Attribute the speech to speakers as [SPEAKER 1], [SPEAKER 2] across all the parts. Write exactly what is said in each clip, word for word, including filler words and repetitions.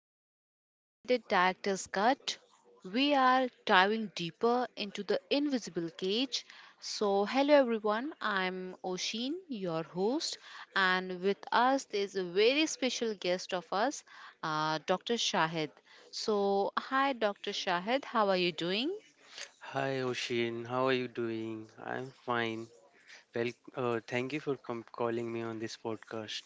[SPEAKER 1] back to the extended director's cut. We are diving deeper into the invisible cage. So, hello everyone, I'm Oshin, your host, and with us there's a very special guest of us, uh, Doctor Shahid. So, hi Doctor Shahid, how are you doing?
[SPEAKER 2] Hi Oshin, how are you doing? I'm fine. Well, uh, thank you for com- calling me on this podcast.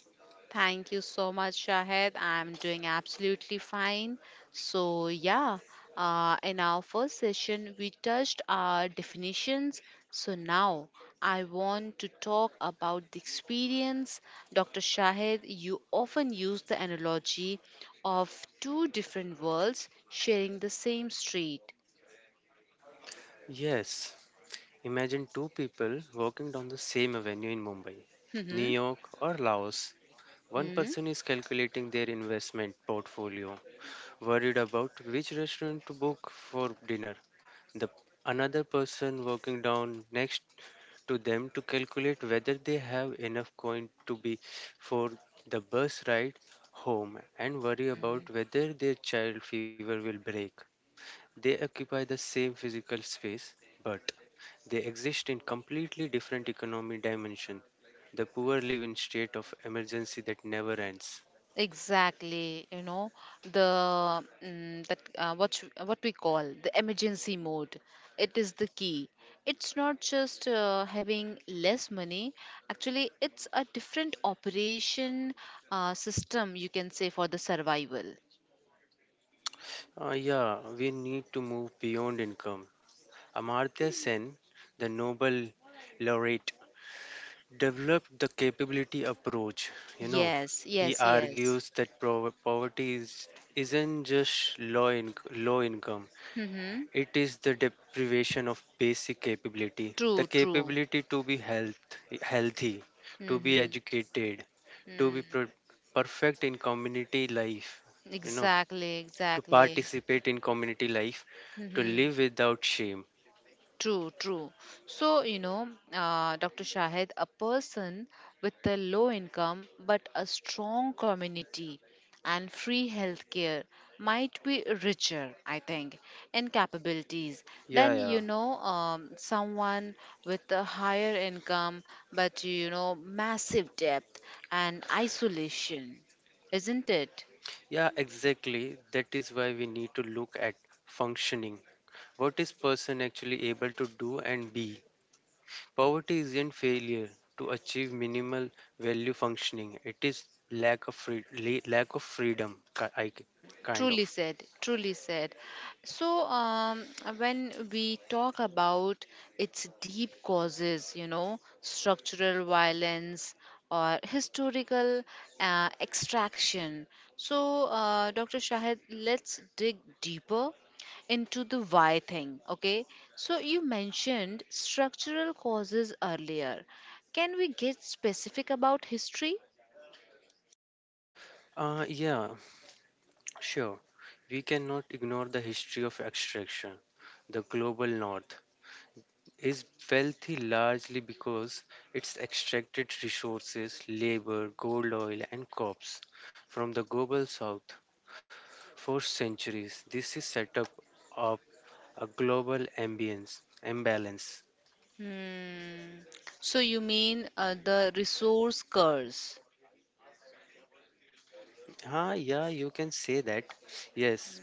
[SPEAKER 1] Thank you so much, Shahid. I'm doing absolutely fine. So, yeah, uh, in our first session, we touched our definitions. So, now I want to talk about the experience. Doctor Shahid, you often use the analogy of two different worlds sharing the same street.
[SPEAKER 2] Yes, imagine two people walking down the same avenue in Mumbai, New
[SPEAKER 1] hmm
[SPEAKER 2] York, or Laos. One person is calculating their investment portfolio, worried about which restaurant to book for dinner. The another person walking down next to them to calculate whether they have enough coin to be for the bus ride home and worry about
[SPEAKER 1] hmm
[SPEAKER 2] whether their child fever will break. They occupy the same physical space, but they exist in completely different economic dimension. The poor live in state of emergency that never ends.
[SPEAKER 1] Exactly, you know the mm, that uh, what you- what we call the emergency mode. It is the key. It's not just uh, having less money. Actually, it's a different operation uh, system you can say for the survival.
[SPEAKER 2] Uh, yeah, we need to move beyond income Amartya Sen, the Nobel laureate, developed the capability approach. You know,
[SPEAKER 1] Yes,
[SPEAKER 2] he
[SPEAKER 1] yes, yes.
[SPEAKER 2] argues that pro- poverty is, isn't just low, in- low income,
[SPEAKER 1] Mm-hmm.
[SPEAKER 2] it is the deprivation of basic capability the
[SPEAKER 1] True, true.
[SPEAKER 2] capability to be health, healthy, to be
[SPEAKER 1] Mm-hmm.
[SPEAKER 2] educated, to be
[SPEAKER 1] Mm.
[SPEAKER 2] pro- perfect in community life, you know,
[SPEAKER 1] Exactly,
[SPEAKER 2] to
[SPEAKER 1] exactly.
[SPEAKER 2] participate in community life, to
[SPEAKER 1] Mm-hmm.
[SPEAKER 2] live without shame.
[SPEAKER 1] True, true. So, you know, uh, Doctor Shahid, a person with a low income but a strong community and free healthcare might be richer, I think, in capabilities
[SPEAKER 2] Yeah,
[SPEAKER 1] than,
[SPEAKER 2] yeah.
[SPEAKER 1] you know, um, someone with a higher income but, you know, massive debt and isolation, isn't it?
[SPEAKER 2] Yeah, exactly. That is why we need to look at functioning. What is person actually able to do and be? Poverty isn't failure to achieve minimal value functioning. It is lack of free, la- lack of freedom, ki- I c- kind
[SPEAKER 1] Truly
[SPEAKER 2] of.
[SPEAKER 1] said, truly said. So, um, when we talk about its deep causes, you know, structural violence or historical uh, extraction. So, uh, Doctor Shahid, let's dig deeper into the why thing, okay? So, you mentioned structural causes earlier. Can we get specific about history?
[SPEAKER 2] Uh, yeah, sure. We cannot ignore the history of extraction, the global north is wealthy largely because it's extracted resources, labor, gold, oil, and crops from the global south for centuries. This is set up of a global ambience imbalance.
[SPEAKER 1] Hmm. So you mean uh, the resource curse?
[SPEAKER 2] Ah, yeah, you can say that. Yes,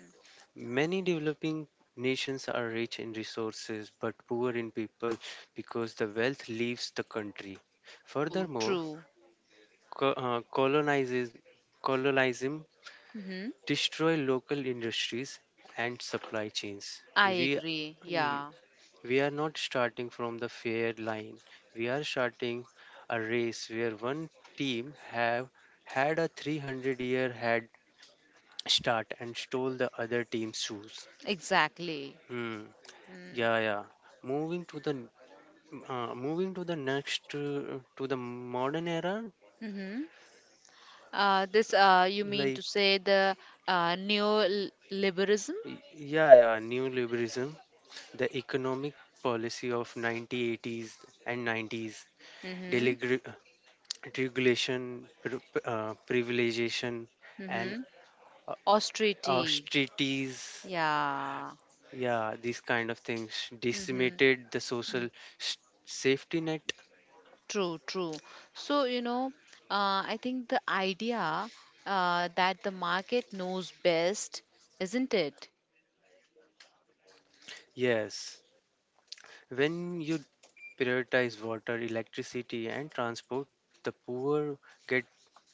[SPEAKER 2] many developing nations are rich in resources but poor in people because the wealth leaves the country.
[SPEAKER 1] True,
[SPEAKER 2] Furthermore,
[SPEAKER 1] true.
[SPEAKER 2] co- uh, colonizes colonialism
[SPEAKER 1] Hmm.
[SPEAKER 2] destroy local industries and supply chains.
[SPEAKER 1] I
[SPEAKER 2] We
[SPEAKER 1] agree. Yeah,
[SPEAKER 2] we are not starting from the fair line. We are starting a race where one team have had a three hundred year head start and stole the other team's shoes.
[SPEAKER 1] exactly.
[SPEAKER 2] Hmm. Yeah, yeah. Moving to the n- uh, moving to the next uh, to the modern era,
[SPEAKER 1] Mm-hmm. Uh, this uh, you mean
[SPEAKER 2] like
[SPEAKER 1] to say the uh, neoliberalism?
[SPEAKER 2] y- yeah, yeah, neoliberalism. The economic policy of nineteen eighties and nineties,
[SPEAKER 1] Mm-hmm.
[SPEAKER 2] deregulation, uh, privilegization, and
[SPEAKER 1] Mm-hmm. Austerity.
[SPEAKER 2] austerities,
[SPEAKER 1] Yeah.
[SPEAKER 2] yeah, these kind of things
[SPEAKER 1] Mm-hmm.
[SPEAKER 2] decimated the social s- safety net.
[SPEAKER 1] True, true. So, you know, uh, I think the idea uh, that the market knows best, isn't it?
[SPEAKER 2] Mm, yes, when you prioritize water, electricity, and transport, the poor get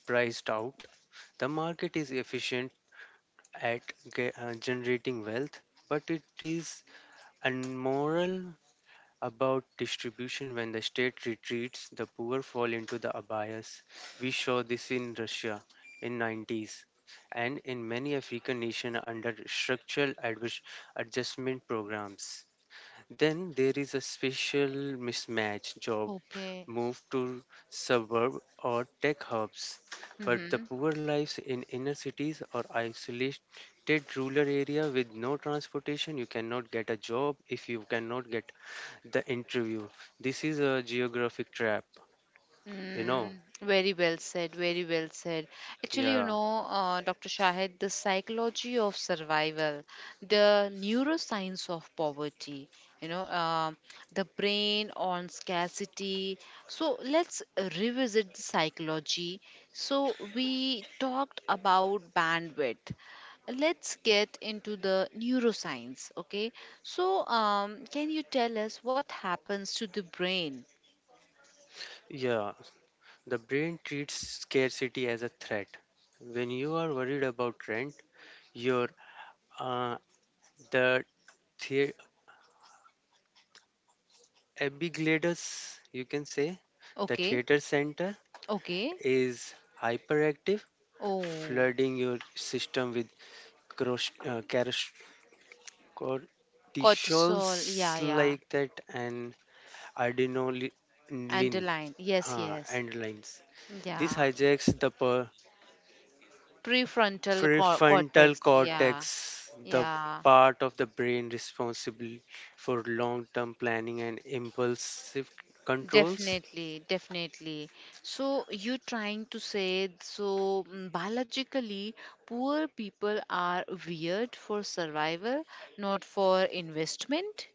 [SPEAKER 2] priced out. The market is efficient at ge- uh, generating wealth, but it is and moral about distribution. When the state retreats, the poor fall into the abayas. We saw this in Russia in nineties and in many African nations under structural advis- adjustment programs. Then there is a special mismatch job.
[SPEAKER 1] Okay.
[SPEAKER 2] Move to suburb or tech hubs, but the
[SPEAKER 1] Mm-hmm.
[SPEAKER 2] poor lives in inner cities or isolated rural area with no transportation. You cannot get a job if you cannot get the interview. This is a geographic trap, you know.
[SPEAKER 1] Mm, very well said, very well said. Actually, you
[SPEAKER 2] Yeah,
[SPEAKER 1] know, uh, Doctor Shahid, the psychology of survival, the neuroscience of poverty, you know, um the brain on scarcity. So let's revisit the psychology. So we talked about bandwidth, let's get into the neuroscience, okay? So um, can you tell us what happens to the brain?
[SPEAKER 2] yeah. The brain treats scarcity as a threat. When you are worried about rent, your uh, the the epiglottis, you can say, the
[SPEAKER 1] Okay.
[SPEAKER 2] theater center
[SPEAKER 1] Okay.
[SPEAKER 2] is hyperactive,
[SPEAKER 1] Oh,
[SPEAKER 2] flooding your system with cros- uh, caros- cortisols
[SPEAKER 1] cortisol. Yeah, yeah.
[SPEAKER 2] like that and adrenaline
[SPEAKER 1] Underline. Yes,
[SPEAKER 2] huh,
[SPEAKER 1] yes.
[SPEAKER 2] and lines. This
[SPEAKER 1] Yeah.
[SPEAKER 2] hijacks the per-
[SPEAKER 1] Prefrontal cor-
[SPEAKER 2] prefrontal
[SPEAKER 1] cortex. Yeah,
[SPEAKER 2] cortex, the
[SPEAKER 1] yeah.
[SPEAKER 2] part of the brain responsible for long term planning and impulsive controls.
[SPEAKER 1] Definitely, definitely. So you trying to say so mm, biologically poor people are weird for survival, not for investment?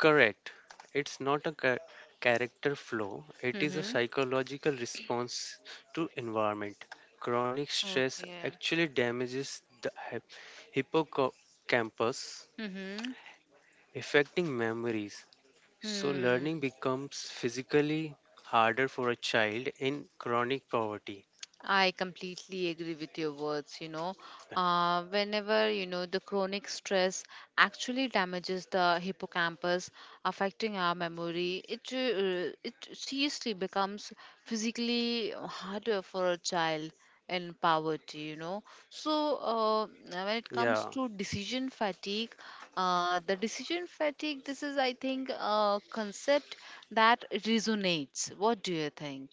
[SPEAKER 2] Correct. It's not a cha- character flaw, it is a
[SPEAKER 1] Mm-hmm.
[SPEAKER 2] psychological response to environment. Chronic stress
[SPEAKER 1] Okay.
[SPEAKER 2] actually damages the hy- hippocampus,
[SPEAKER 1] Mm-hmm.
[SPEAKER 2] affecting memories. So,
[SPEAKER 1] Hmm.
[SPEAKER 2] learning becomes physically harder for a child in chronic poverty.
[SPEAKER 1] I completely agree with your words. You know, uh, whenever you know the chronic stress actually damages the hippocampus, affecting our memory, it uh, it seriously becomes physically harder for a child in poverty. You know, so uh, when it comes
[SPEAKER 2] Yeah,
[SPEAKER 1] to decision fatigue, uh, the decision fatigue. This is, I think, a concept that resonates. What do you think?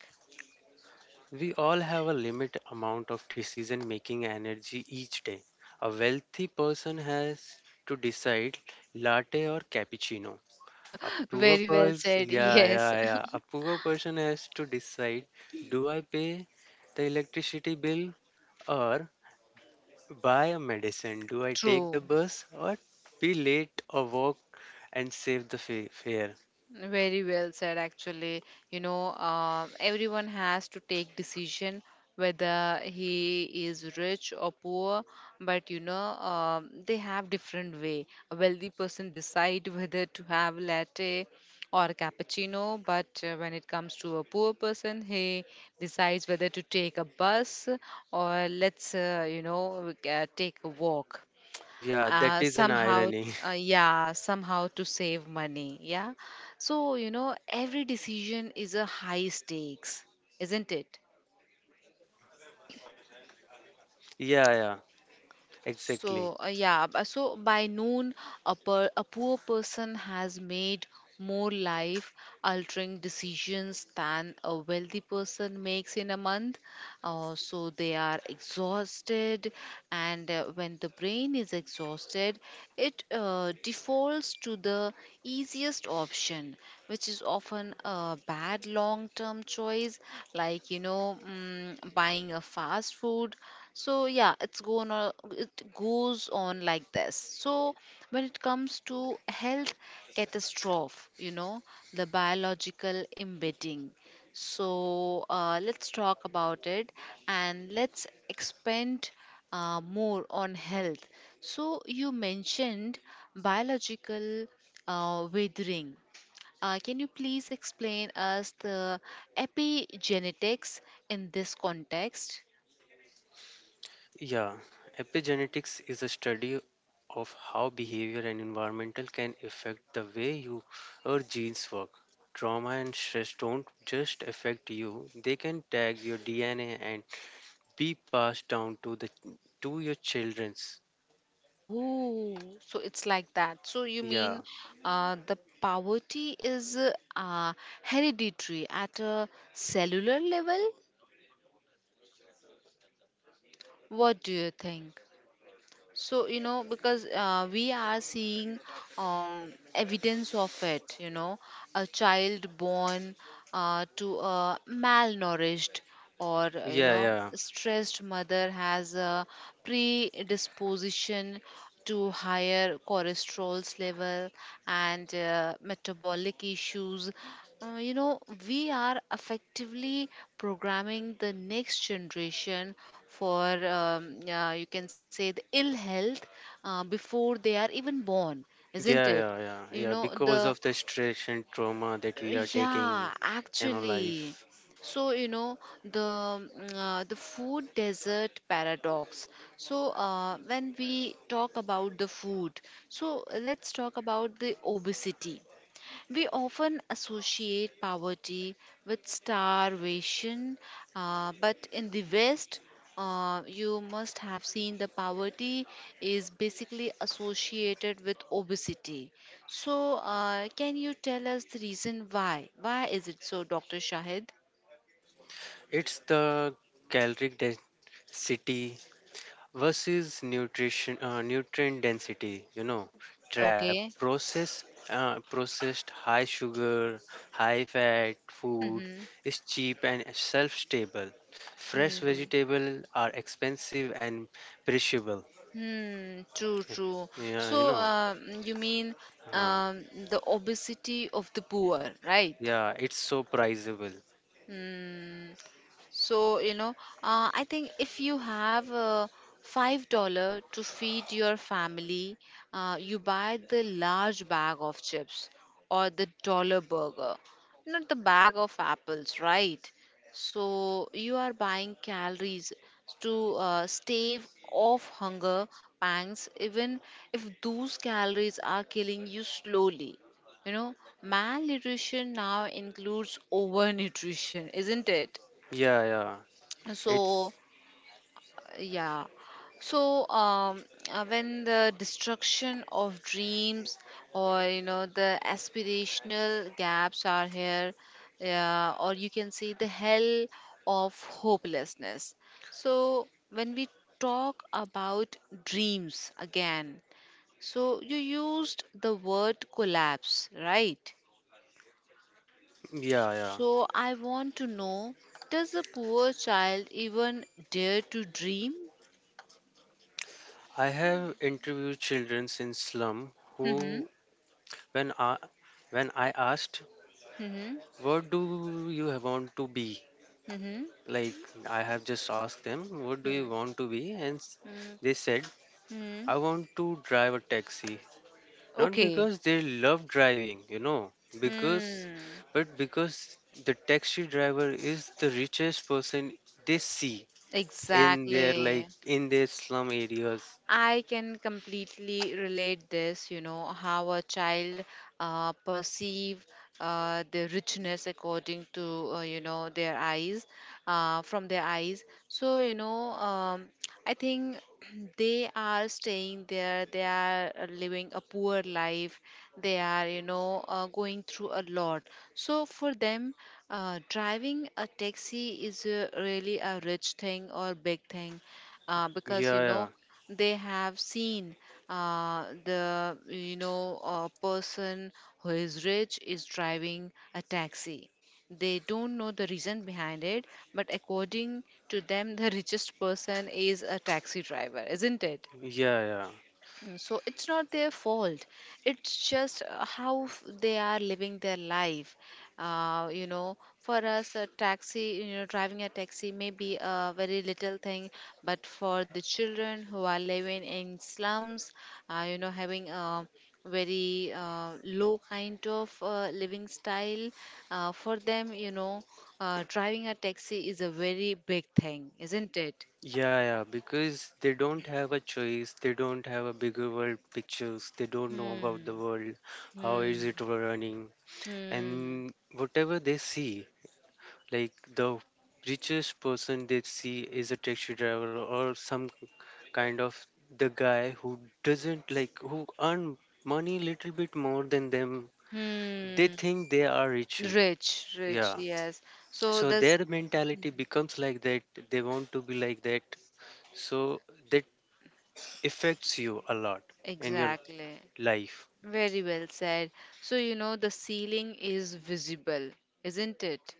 [SPEAKER 2] we all have a limit amount of decision making energy each day. A wealthy person has to decide latte or cappuccino. A poor
[SPEAKER 1] Very well
[SPEAKER 2] person,
[SPEAKER 1] said.
[SPEAKER 2] yeah,
[SPEAKER 1] Yes.
[SPEAKER 2] yeah, yeah. A poor person has to decide, do I pay the electricity bill or buy a medicine? Do I take
[SPEAKER 1] True.
[SPEAKER 2] the bus or be late or walk and save the fa- fare?
[SPEAKER 1] Very well said, actually. You know, uh, everyone has to take decision whether he is rich or poor, but you know, um, they have different way. A wealthy person decide whether to have latte or cappuccino, but uh, when it comes to a poor person, he decides whether to take a bus or let's, uh, you know, uh, take a walk
[SPEAKER 2] Yeah, that
[SPEAKER 1] uh,
[SPEAKER 2] is an
[SPEAKER 1] somehow
[SPEAKER 2] irony.
[SPEAKER 1] uh, yeah, somehow to save money. Yeah, so you know every decision is a high stakes, isn't it?
[SPEAKER 2] Yeah, yeah, exactly.
[SPEAKER 1] So, uh, yeah, b- so by noon, a, per, a poor person has made more life altering decisions than a wealthy person makes in a month. Uh, so, they are exhausted, and uh, when the brain is exhausted, it uh, defaults to the easiest option, which is often a bad long term choice, like you know, mm, buying a fast food. So yeah, it's going on, it goes on like this. So when it comes to health catastrophe, you know, the biological embedding, so uh, let's talk about it and let's expand uh, more on health. So you mentioned biological uh, withering. Uh, can you please explain us the epigenetics in this context?
[SPEAKER 2] Yeah, epigenetics is a study of how behavior and environmental can affect the way you your genes work. Trauma and stress don't just affect you, they can tag your D N A and be passed down to the to your children's.
[SPEAKER 1] Oh, so it's like that. So you
[SPEAKER 2] Yeah.
[SPEAKER 1] mean uh, the poverty is uh, uh, hereditary at a cellular level? What do you think? So, you know, because uh, we are seeing um, evidence of it, you know, a child born uh, to a malnourished or, uh, you
[SPEAKER 2] Yeah,
[SPEAKER 1] know,
[SPEAKER 2] yeah.
[SPEAKER 1] stressed mother has a predisposition to higher cholesterol level and uh, metabolic issues. Uh, you know, we are effectively programming the next generation for, um, uh, you can say, the ill health uh, before they are even born, isn't
[SPEAKER 2] Yeah,
[SPEAKER 1] it?
[SPEAKER 2] yeah, yeah.
[SPEAKER 1] You
[SPEAKER 2] Yeah,
[SPEAKER 1] know,
[SPEAKER 2] because
[SPEAKER 1] the,
[SPEAKER 2] of the stress and trauma that we are
[SPEAKER 1] yeah,
[SPEAKER 2] taking in our
[SPEAKER 1] actually.
[SPEAKER 2] life.
[SPEAKER 1] So, you know, the, mm, uh, the food desert paradox. So, uh, when we talk about the food, so let's talk about the obesity. We often associate poverty with starvation, uh, but in the West, uh, you must have seen the poverty is basically associated with obesity. So, uh, can you tell us the reason why? Why is it so, Doctor Shahid?
[SPEAKER 2] It's the caloric density versus nutrition uh, nutrient density, you know, trap
[SPEAKER 1] Okay.
[SPEAKER 2] processed uh, processed high sugar high fat food
[SPEAKER 1] Mm-hmm.
[SPEAKER 2] is cheap and self stable. Fresh
[SPEAKER 1] Hmm.
[SPEAKER 2] vegetable are expensive and perishable,
[SPEAKER 1] Hmm. True. True.
[SPEAKER 2] yeah, you
[SPEAKER 1] So,
[SPEAKER 2] know.
[SPEAKER 1] um, you mean
[SPEAKER 2] uh,
[SPEAKER 1] um, the obesity of the poor, right?
[SPEAKER 2] yeah, it's so priceable.
[SPEAKER 1] Hmm. So, you know, uh, I think if you have uh, five dollar to feed your family, uh, you buy the large bag of chips or the dollar burger, not the bag of apples, right? So you are buying calories to uh, stave off hunger pangs, even if those calories are killing you slowly. You know, malnutrition now includes overnutrition, isn't it?
[SPEAKER 2] Yeah, yeah, it's
[SPEAKER 1] So, yeah. So, um, uh, when the destruction of dreams or, you know, the aspirational gaps are here, yeah, or you can see the hell of hopelessness. So, when we talk about dreams again, so you used the word collapse, right?
[SPEAKER 2] yeah, yeah,
[SPEAKER 1] So, I want to know, does a poor child even dare to dream?
[SPEAKER 2] I have interviewed children in slum who when i when i asked
[SPEAKER 1] Mm-hmm.
[SPEAKER 2] what do you have want to be?
[SPEAKER 1] Mm-hmm.
[SPEAKER 2] Like, I have just asked them, what do
[SPEAKER 1] Hmm.
[SPEAKER 2] you want to be? And s-
[SPEAKER 1] Hmm.
[SPEAKER 2] they said,
[SPEAKER 1] Mm-hmm.
[SPEAKER 2] I want to drive a taxi. Not
[SPEAKER 1] Okay.
[SPEAKER 2] because they love driving, you know, because,
[SPEAKER 1] Mm.
[SPEAKER 2] but because the taxi driver is the richest person they see in their
[SPEAKER 1] Exactly.
[SPEAKER 2] like in their slum areas.
[SPEAKER 1] I can completely relate this, you know, how a child uh, perceive uh, the richness according to, uh, you know, their eyes, uh, from their eyes. So, you know, um, I think they are staying there, they are uh, living a poor life, they are, you know, uh, going through a lot. So, for them, uh, driving a taxi is uh, really a rich thing or big thing uh, because,
[SPEAKER 2] Yeah,
[SPEAKER 1] you know,
[SPEAKER 2] yeah,
[SPEAKER 1] they have seen uh, the, you know, a person who is rich is driving a taxi. They don't know the reason behind it, but according to them the richest person is a taxi driver, isn't it?
[SPEAKER 2] yeah, yeah.
[SPEAKER 1] Mm, so it's not their fault. It's just uh, how f- they are living their life. Uh, you know, for us, a taxi, you know, driving a taxi may be a very little thing, but for the children who are living in slums, uh, you know, having a very uh, low kind of uh, living style, uh, for them, you know, uh, driving a taxi is a very big thing, isn't it?
[SPEAKER 2] Yeah, yeah, because they don't have a choice. They don't have a bigger world pictures. They don't know about the
[SPEAKER 1] Hmm.
[SPEAKER 2] world, how is
[SPEAKER 1] Hmm.
[SPEAKER 2] it running,
[SPEAKER 1] Hmm.
[SPEAKER 2] and whatever they see, like the richest person they see is a taxi driver or some kind of the guy who doesn't like who earn money little bit more than them. They
[SPEAKER 1] Hmm.
[SPEAKER 2] think they are richer.
[SPEAKER 1] Rich, rich,
[SPEAKER 2] Yeah.
[SPEAKER 1] yes. So
[SPEAKER 2] So
[SPEAKER 1] this
[SPEAKER 2] their mentality becomes like that. They want to be like that. So that affects you a lot in your
[SPEAKER 1] exactly.
[SPEAKER 2] life.
[SPEAKER 1] Very well said. So you know the ceiling is visible, isn't it?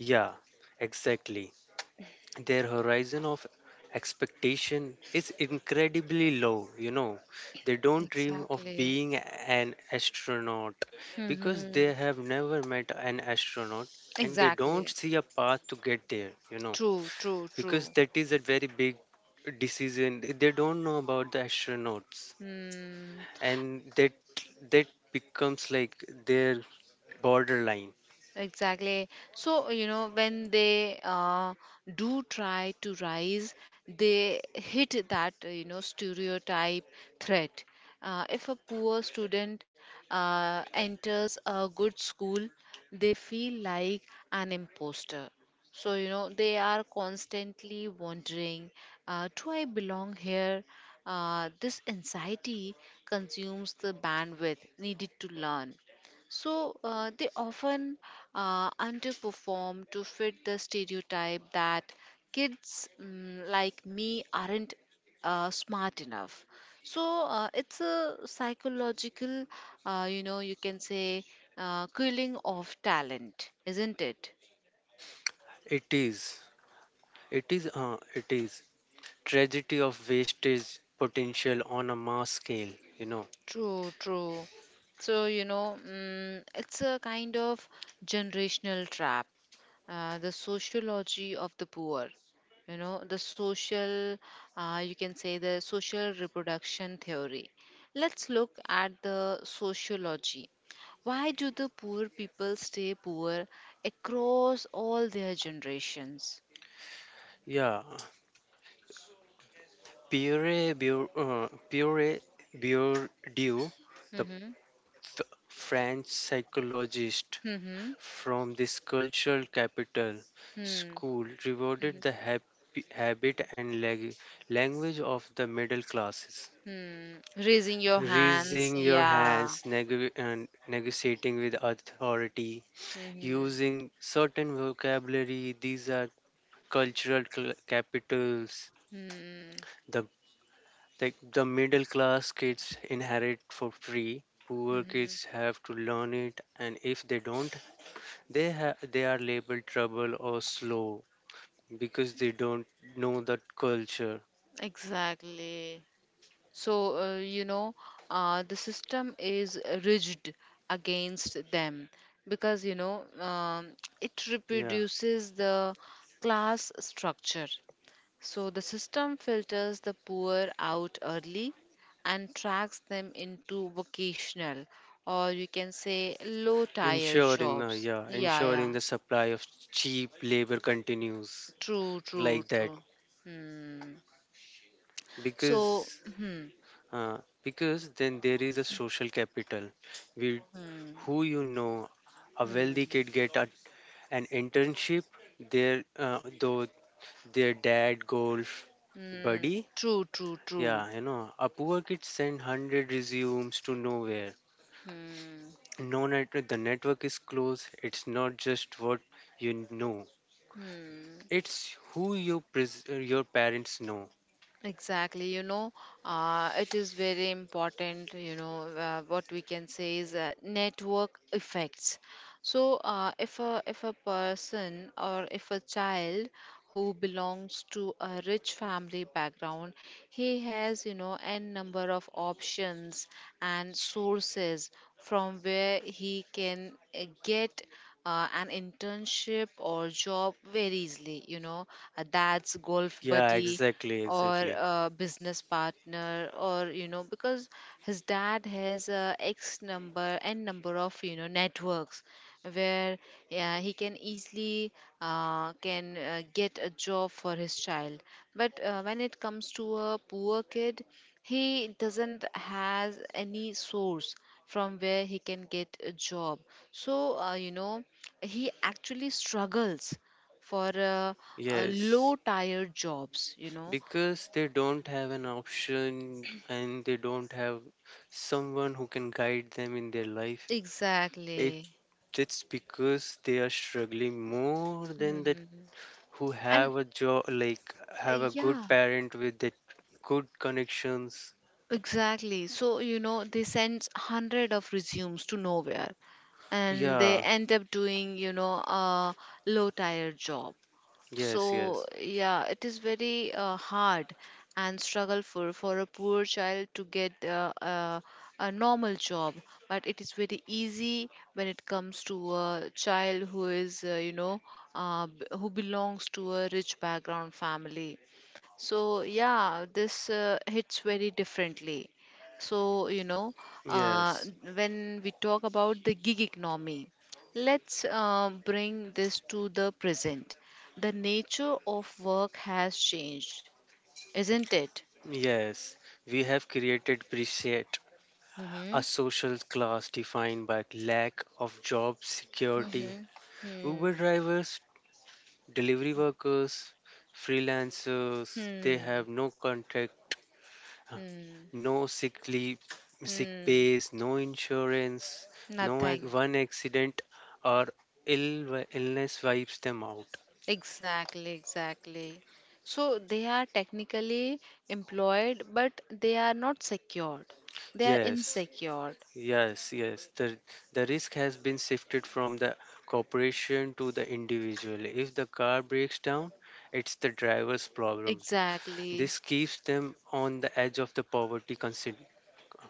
[SPEAKER 2] Yeah, exactly. Their horizon of expectation is incredibly low, you know. They don't dream of
[SPEAKER 1] Exactly.
[SPEAKER 2] being an astronaut because
[SPEAKER 1] Mm-hmm.
[SPEAKER 2] they have never met an astronaut and they don't
[SPEAKER 1] Exactly.
[SPEAKER 2] see a path to get there, you know,
[SPEAKER 1] True, true,
[SPEAKER 2] because
[SPEAKER 1] true.
[SPEAKER 2] that is a very big decision. They don't know about the astronauts
[SPEAKER 1] Hmm.
[SPEAKER 2] and that that becomes like their borderline.
[SPEAKER 1] Exactly. So, you know, when they uh, do try to rise, they hit that, uh, you know, stereotype threat. Uh, if a poor student uh, enters a good school, they feel like an imposter. So, you know, they are constantly wondering, uh, do I belong here? Uh, this anxiety consumes the bandwidth needed to learn. So uh, they often uh, underperform to fit the stereotype that kids mm, like me aren't uh, smart enough. So uh, it's a psychological, uh, you know, you can say, uh, killing of talent, isn't it?
[SPEAKER 2] It is. It is uh, it is tragedy of wastage potential on a mass scale, you know.
[SPEAKER 1] True, true. So, you know, mm, it's a kind of generational trap, uh, the sociology of the poor, you know, the social uh, you can say the social reproduction theory. Let's look at the sociology, why do the poor people stay poor across all their generations?
[SPEAKER 2] Yeah, puree Bur- uh, puree Bourdieu, the
[SPEAKER 1] Mm-hmm.
[SPEAKER 2] f- French psychologist
[SPEAKER 1] Mm-hmm.
[SPEAKER 2] from this cultural capital
[SPEAKER 1] Hmm.
[SPEAKER 2] school, rewarded
[SPEAKER 1] Mhm.
[SPEAKER 2] the happy, habit and lag- language of the middle classes.
[SPEAKER 1] Hmm. Raising your hands,
[SPEAKER 2] Raising your
[SPEAKER 1] yeah.
[SPEAKER 2] hands, neg- and negotiating with authority,
[SPEAKER 1] Mm-hmm.
[SPEAKER 2] using certain vocabulary. These are cultural cl- capitals.
[SPEAKER 1] Mm-hmm.
[SPEAKER 2] The like the middle class kids inherit for free. Poor kids
[SPEAKER 1] Mm-hmm.
[SPEAKER 2] have to learn it, and if they don't, they ha- they are labeled trouble or slow because they don't know the culture.
[SPEAKER 1] Exactly. So, uh, you know, uh, the system is rigid against them because, you know, um, it
[SPEAKER 2] Yeah,
[SPEAKER 1] reproduces the class structure. So, the system filters the poor out early and tracks them into vocational or you can say low tier
[SPEAKER 2] ensuring the
[SPEAKER 1] jobs.
[SPEAKER 2] yeah
[SPEAKER 1] Yeah,
[SPEAKER 2] ensuring
[SPEAKER 1] yeah.
[SPEAKER 2] the supply of cheap labor continues
[SPEAKER 1] True, true,
[SPEAKER 2] like that.
[SPEAKER 1] true. Hmm. So,
[SPEAKER 2] because
[SPEAKER 1] hmm,
[SPEAKER 2] uh, because then there is a social capital, we
[SPEAKER 1] hmm,
[SPEAKER 2] who you know. A wealthy kid
[SPEAKER 1] hmm,
[SPEAKER 2] get a, an internship there, uh, though their dad golf
[SPEAKER 1] hmm.
[SPEAKER 2] buddy,
[SPEAKER 1] True, true, true.
[SPEAKER 2] yeah, you know, a poor kid send one hundred resumes to nowhere.
[SPEAKER 1] Hmm.
[SPEAKER 2] No net The network is closed. It's not just what you know,
[SPEAKER 1] Hmm.
[SPEAKER 2] it's who your pres- uh, your parents know.
[SPEAKER 1] Exactly, you know, uh, it is very important, you know, uh, what we can say is uh, network effects. So, uh, if a if a person or if a child who belongs to a rich family background, he has, you know, n number of options and sources from where he can uh, get uh, an internship or job very easily. You know, uh, that's golf
[SPEAKER 2] Yeah,
[SPEAKER 1] buddy
[SPEAKER 2] exactly,
[SPEAKER 1] or
[SPEAKER 2] exactly.
[SPEAKER 1] a business partner, or you know, because his dad has uh, x number, n number of, you know, networks where, yeah, he can easily uh, can uh, get a job for his child, but uh, when it comes to a poor kid, he doesn't has any source from where he can get a job. So uh, you know, he actually struggles for uh, uh,
[SPEAKER 2] Yes,
[SPEAKER 1] low tier jobs, you know.
[SPEAKER 2] because they don't have an option and they don't have someone who can guide them in their life. It,
[SPEAKER 1] Exactly.
[SPEAKER 2] it's because they are struggling more than that
[SPEAKER 1] Hmm.
[SPEAKER 2] who
[SPEAKER 1] And
[SPEAKER 2] have a job, like
[SPEAKER 1] uh,
[SPEAKER 2] have a good
[SPEAKER 1] yeah,
[SPEAKER 2] parent with that good connections.
[SPEAKER 1] exactly. So, you know, they send hundred of resumes to nowhere and they
[SPEAKER 2] Yeah,
[SPEAKER 1] end up doing, you know, a low tire job.
[SPEAKER 2] yes,
[SPEAKER 1] So,
[SPEAKER 2] yes,
[SPEAKER 1] yeah, it is very uh, hard and struggle for for a poor child to get uh, uh, a normal job, but it is very easy when it comes to a child who is, uh, you know, uh, b- who belongs to a rich background family. So, yeah, this uh, hits very differently. So, you know, uh,
[SPEAKER 2] yes,
[SPEAKER 1] when we talk about the gig economy, let's uh, bring this to the present. The nature of work has changed, isn't it?
[SPEAKER 2] yes. We have created preset
[SPEAKER 1] Mm-hmm.
[SPEAKER 2] a social class defined by lack of job security.
[SPEAKER 1] Mm-hmm.
[SPEAKER 2] Uber
[SPEAKER 1] Hmm.
[SPEAKER 2] drivers, delivery workers, freelancers, they
[SPEAKER 1] Hmm.
[SPEAKER 2] have no contact,
[SPEAKER 1] Hmm.
[SPEAKER 2] no sick leave, sick
[SPEAKER 1] Hmm.
[SPEAKER 2] pays, no insurance, no ac-
[SPEAKER 1] Nothing.
[SPEAKER 2] one accident or ill wi- illness wipes them out.
[SPEAKER 1] Exactly, exactly. So they are technically employed, but they are not secured. They are
[SPEAKER 2] Yes,
[SPEAKER 1] insecured.
[SPEAKER 2] yes, yes. The the risk has been shifted from the corporation to the individual. If the car breaks down, it's the driver's problem. This
[SPEAKER 1] Exactly.
[SPEAKER 2] keeps them on the edge of the poverty constant,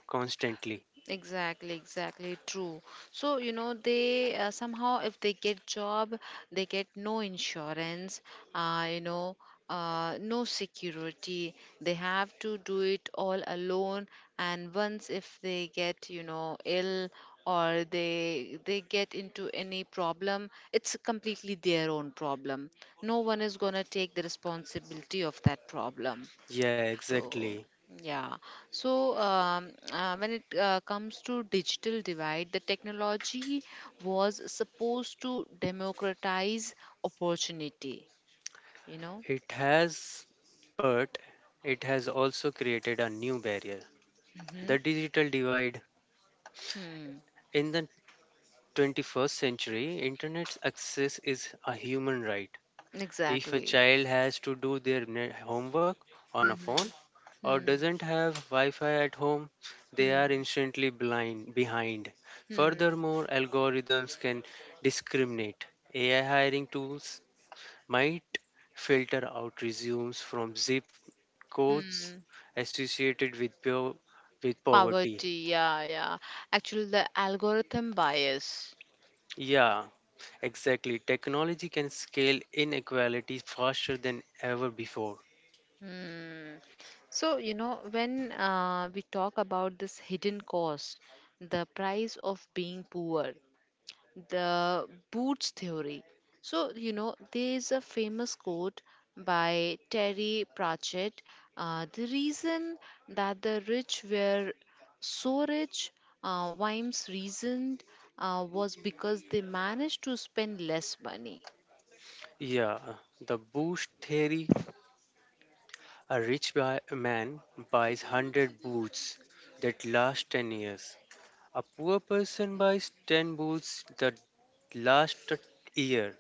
[SPEAKER 2] constantly.
[SPEAKER 1] Exactly, exactly true. So, you know, they uh, somehow, if they get job, they get no insurance, uh, you know, uh, no security. They have to do it all alone. And once if they get, you know, ill or they they get into any problem, it's completely their own problem. No one is gonna take the responsibility of that problem.
[SPEAKER 2] Yeah,
[SPEAKER 1] So,
[SPEAKER 2] exactly.
[SPEAKER 1] yeah. So, um, uh, when it uh, comes to digital divide, the technology was supposed to democratize opportunity, you know?
[SPEAKER 2] It has, but it has also created a new barrier,
[SPEAKER 1] Hmm.
[SPEAKER 2] the digital divide.
[SPEAKER 1] Hmm.
[SPEAKER 2] In the twenty-first century, internet access is a human right. If a
[SPEAKER 1] Exactly.
[SPEAKER 2] child has to do their ne- homework on a
[SPEAKER 1] Hmm.
[SPEAKER 2] phone or
[SPEAKER 1] Hmm.
[SPEAKER 2] doesn't have wi-fi at home, they are
[SPEAKER 1] Hmm.
[SPEAKER 2] instantly blind behind.
[SPEAKER 1] Hmm.
[SPEAKER 2] Furthermore, algorithms can discriminate. AI hiring tools might filter out resumes from zip codes
[SPEAKER 1] Hmm.
[SPEAKER 2] associated with po- with poverty,
[SPEAKER 1] Poverty, yeah, yeah. Actually, the algorithm bias.
[SPEAKER 2] yeah. Exactly. Technology can scale inequality faster than ever before.
[SPEAKER 1] Mm. So, you know, when uh, we talk about this hidden cost, the price of being poor, the Boots theory. So, you know, there is a famous quote by Terry Pratchett. uh, The reason that the rich were so rich, uh, Wimes reasoned, uh, was because they managed to spend less money.
[SPEAKER 2] Yeah, the boost theory, a rich buy- man buys one hundred boots that last ten years. A poor person buys ten boots that last a year.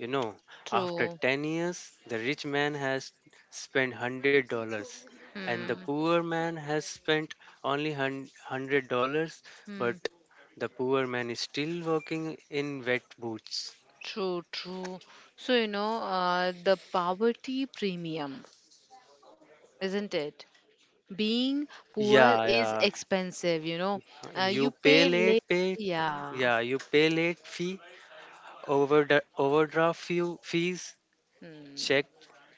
[SPEAKER 2] You know, after
[SPEAKER 1] True.
[SPEAKER 2] ten years, the rich man has spent one hundred dollars and the
[SPEAKER 1] Hmm.
[SPEAKER 2] poor man has spent only one hundred dollars but
[SPEAKER 1] Hmm.
[SPEAKER 2] the poor man is still working in wet boots.
[SPEAKER 1] True, true. So, you know, uh, the poverty premium, isn't it? Being poor
[SPEAKER 2] Yeah,
[SPEAKER 1] is
[SPEAKER 2] yeah.
[SPEAKER 1] expensive, you know. Uh, you
[SPEAKER 2] You pay
[SPEAKER 1] pay late.
[SPEAKER 2] late pay.
[SPEAKER 1] Yeah.
[SPEAKER 2] Yeah, you pay late fee, overdraft overdraft fee, fees,
[SPEAKER 1] Hmm.
[SPEAKER 2] check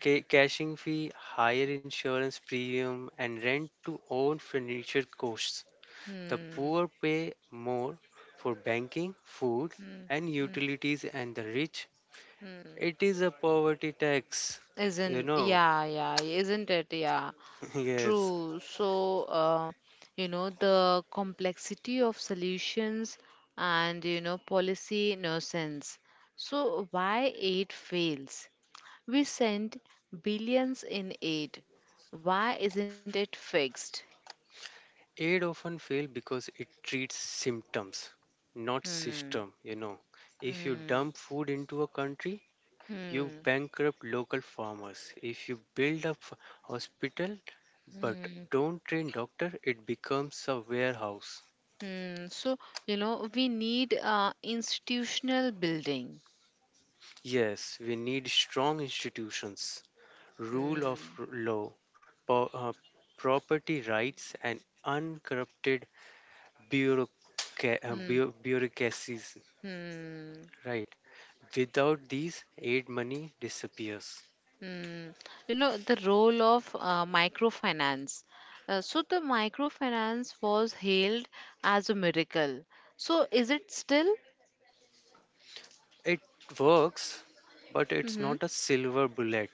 [SPEAKER 2] ca- cashing fee, higher insurance premium, and rent to own furniture costs. The
[SPEAKER 1] Hmm.
[SPEAKER 2] poor pay more for banking, food,
[SPEAKER 1] Hmm.
[SPEAKER 2] and utilities, and the rich.
[SPEAKER 1] Hmm.
[SPEAKER 2] It is a poverty tax, you
[SPEAKER 1] Isn't,
[SPEAKER 2] know.
[SPEAKER 1] yeah, yeah, isn't it? Yeah.
[SPEAKER 2] Yes.
[SPEAKER 1] True. So, uh, you know, the complexity of solutions and, you know, policy nonsense. So, why it fails? We send billions in aid. Why isn't it fixed?
[SPEAKER 2] Aid often fail because it treats symptoms, not
[SPEAKER 1] Hmm.
[SPEAKER 2] system, you know. If you
[SPEAKER 1] Hmm.
[SPEAKER 2] dump food into a country, you
[SPEAKER 1] Hmm.
[SPEAKER 2] bankrupt local farmers. If you build up hospital but
[SPEAKER 1] Hmm.
[SPEAKER 2] don't train doctor, it becomes a warehouse.
[SPEAKER 1] Hmm. So, you know, we need uh, institutional building.
[SPEAKER 2] Yes, we need strong institutions, rule of
[SPEAKER 1] Hmm.
[SPEAKER 2] r- law, po- uh, property rights, and uncorrupted bureauca- uh,
[SPEAKER 1] Hmm.
[SPEAKER 2] bu- bureaucracies.
[SPEAKER 1] Hmm.
[SPEAKER 2] Right. Without these, aid money disappears.
[SPEAKER 1] Hmm. You know, the role of uh, microfinance. Uh, so, the microfinance was hailed as a miracle. So, is it still?
[SPEAKER 2] It works, but it's
[SPEAKER 1] Mm-hmm.
[SPEAKER 2] not a silver bullet.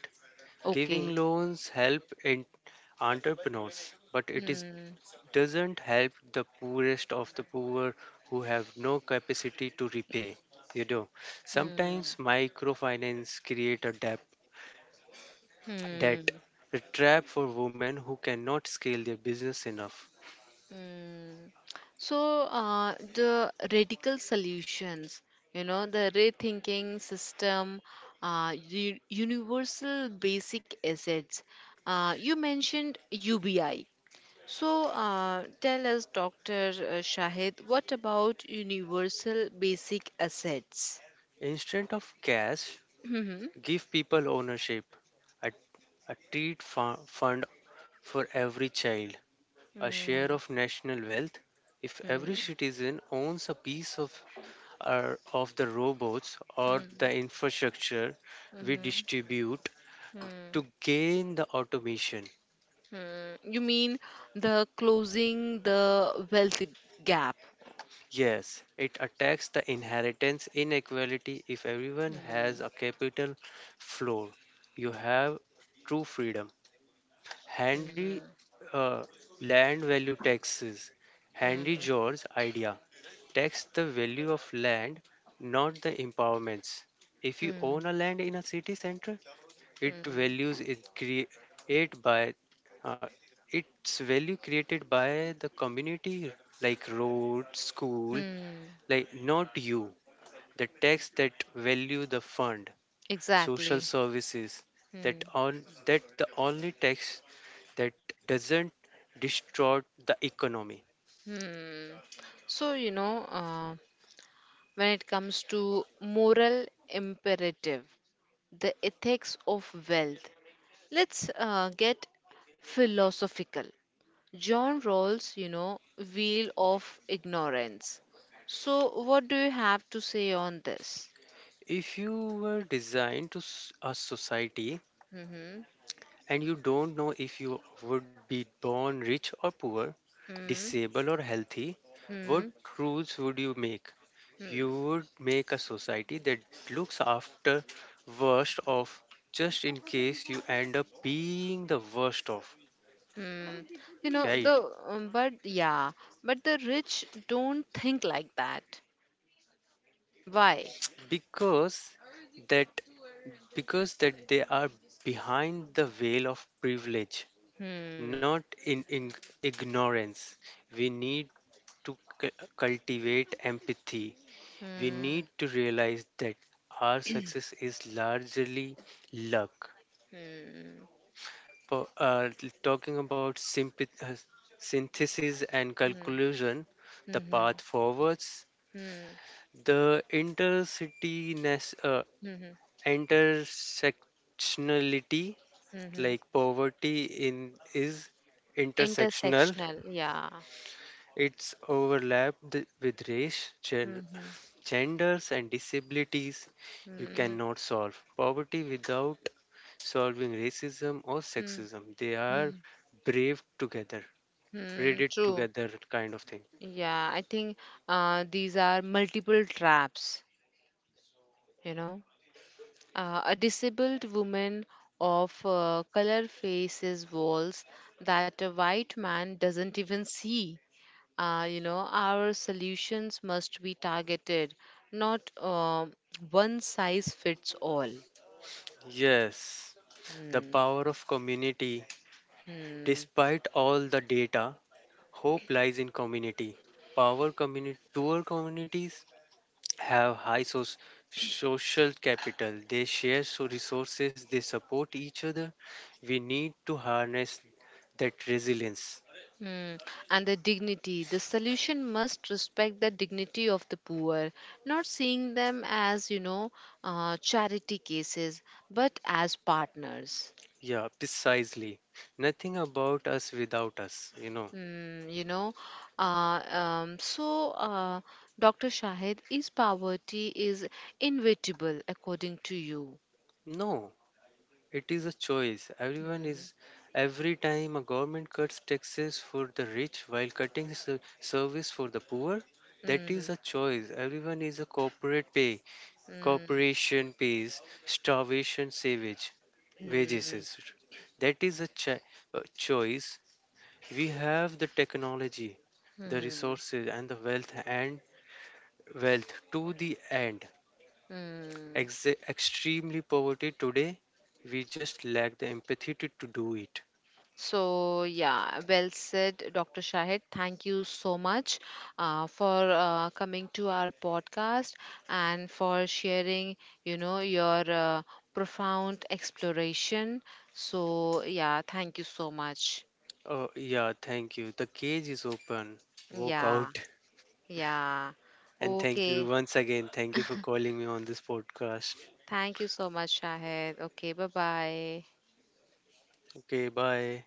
[SPEAKER 2] Giving
[SPEAKER 1] Okay.
[SPEAKER 2] loans help in entrepreneurs, but it is
[SPEAKER 1] Hmm.
[SPEAKER 2] doesn't help the poorest of the poor who have no capacity to repay. You know,
[SPEAKER 1] Hmm.
[SPEAKER 2] sometimes
[SPEAKER 1] Hmm.
[SPEAKER 2] microfinance create a debt, That
[SPEAKER 1] Hmm.
[SPEAKER 2] a trap for women who cannot scale their business enough.
[SPEAKER 1] Mm. So uh, the radical solutions, you know, the rethinking system, uh, u- universal basic assets. Uh, you mentioned U B I. So uh, tell us, doctor uh, Shahid, what about universal basic assets?
[SPEAKER 2] Instead of cash,
[SPEAKER 1] Mm-hmm.
[SPEAKER 2] give people ownership, a, a treat fu- fund for every child, a
[SPEAKER 1] Mm-hmm.
[SPEAKER 2] share of national wealth. If every citizen owns a piece of, our of the robots or
[SPEAKER 1] Mm-hmm.
[SPEAKER 2] the infrastructure, we
[SPEAKER 1] Mm-hmm.
[SPEAKER 2] distribute to gain the automation.
[SPEAKER 1] Hmm. You mean the closing the wealth gap?
[SPEAKER 2] Yes, it attacks the inheritance inequality. If everyone has
[SPEAKER 1] Mm,
[SPEAKER 2] a capital floor, you have true freedom. Henry,
[SPEAKER 1] mm,
[SPEAKER 2] uh, land value taxes. Henry
[SPEAKER 1] mm,
[SPEAKER 2] George idea, tax the value of land, not the empowerments. If you own
[SPEAKER 1] mm,
[SPEAKER 2] a land in a city center, it
[SPEAKER 1] mm,
[SPEAKER 2] values is created by uh, its value created by the community, like road, school,
[SPEAKER 1] mm.
[SPEAKER 2] like not you. The tax that value the fund social
[SPEAKER 1] Exactly.
[SPEAKER 2] services, that
[SPEAKER 1] Hmm.
[SPEAKER 2] on that, the only tax that doesn't distort the economy.
[SPEAKER 1] Hmm. So, you know, uh, when it comes to moral imperative, the ethics of wealth, let's uh, get philosophical. John Rawls, you know, Wheel of Ignorance. So, what do you have to say on this?
[SPEAKER 2] If you were designed to s- a society
[SPEAKER 1] Mm-hmm.
[SPEAKER 2] and you don't know if you would be born rich or poor,
[SPEAKER 1] Hmm.
[SPEAKER 2] disabled or healthy, what
[SPEAKER 1] Hmm.
[SPEAKER 2] rules would you make? You
[SPEAKER 1] Hmm.
[SPEAKER 2] would make a society that looks after worst of, just in case you end up being the worst of.
[SPEAKER 1] Hmm. You know,
[SPEAKER 2] Right,
[SPEAKER 1] the um, but yeah, but the rich don't think like that. Why?
[SPEAKER 2] because that because that they are behind the veil of privilege,
[SPEAKER 1] Hmm.
[SPEAKER 2] not in, in ignorance. We need to cu- cultivate empathy. We
[SPEAKER 1] Hmm.
[SPEAKER 2] need to realize that our success is largely luck.
[SPEAKER 1] Hmm.
[SPEAKER 2] Po- uh, t- talking about sympath- uh, synthesis and
[SPEAKER 1] Hmm.
[SPEAKER 2] conclusion, the
[SPEAKER 1] Hmm.
[SPEAKER 2] path forwards,
[SPEAKER 1] Hmm.
[SPEAKER 2] the intercity nas- uh,
[SPEAKER 1] Hmm.
[SPEAKER 2] intersectionality,
[SPEAKER 1] Hmm.
[SPEAKER 2] like poverty in is intersectional.
[SPEAKER 1] Intersectional. Yeah.
[SPEAKER 2] It's overlapped with race, gen-
[SPEAKER 1] Hmm.
[SPEAKER 2] genders, and disabilities. You
[SPEAKER 1] Hmm.
[SPEAKER 2] cannot solve poverty without solving racism or
[SPEAKER 1] Hmm.
[SPEAKER 2] sexism. They are
[SPEAKER 1] Hmm.
[SPEAKER 2] braved together, read
[SPEAKER 1] Hmm.
[SPEAKER 2] it
[SPEAKER 1] True.
[SPEAKER 2] together kind of thing.
[SPEAKER 1] Yeah. I think uh, these are multiple traps. You know. Uh, a disabled woman of uh, color faces walls that a white man doesn't even see. Uh, you know, our solutions must be targeted, not uh, one size fits all.
[SPEAKER 2] Yes, the
[SPEAKER 1] Hmm.
[SPEAKER 2] power of community.
[SPEAKER 1] Hmm.
[SPEAKER 2] Despite all the data, hope lies in community. Power community, poor communities have high so- social capital. They share so resources, they support each other. We need to harness that resilience.
[SPEAKER 1] Hmm. And the dignity. The solution must respect the dignity of the poor, not seeing them as, you know, uh, charity cases, but as partners.
[SPEAKER 2] Yeah, precisely. Nothing about us without us, you know.
[SPEAKER 1] Mm, you know, uh, um, so uh, doctor Shahid, is poverty is inevitable according to you?
[SPEAKER 2] No, it is a choice. Everyone
[SPEAKER 1] Mm,
[SPEAKER 2] is every time a government cuts taxes for the rich while cutting ser- service for the poor, that is
[SPEAKER 1] mm,
[SPEAKER 2] a choice. Everyone is a corporate pay.
[SPEAKER 1] mm,
[SPEAKER 2] Corporation pays starvation savage wages.
[SPEAKER 1] mm,
[SPEAKER 2] is- That is a, chi- a choice. We have the technology, the
[SPEAKER 1] mm,
[SPEAKER 2] resources, and the wealth and wealth to the end.
[SPEAKER 1] mm.
[SPEAKER 2] Ex- extremely poverty today. We just lack the empathy to to do it.
[SPEAKER 1] So yeah, well said, doctor Shahid. Thank you so much uh, for uh, coming to our podcast and for sharing, you know, your uh, profound exploration. So yeah, thank you so much.
[SPEAKER 2] Oh, yeah, thank you. The cage is open. Walk
[SPEAKER 1] Yeah,
[SPEAKER 2] out.
[SPEAKER 1] yeah.
[SPEAKER 2] And thank you
[SPEAKER 1] Okay.
[SPEAKER 2] once again. Thank you for calling me on this podcast.
[SPEAKER 1] Thank you so much, Shahid. Okay, bye bye.
[SPEAKER 2] Okay, bye.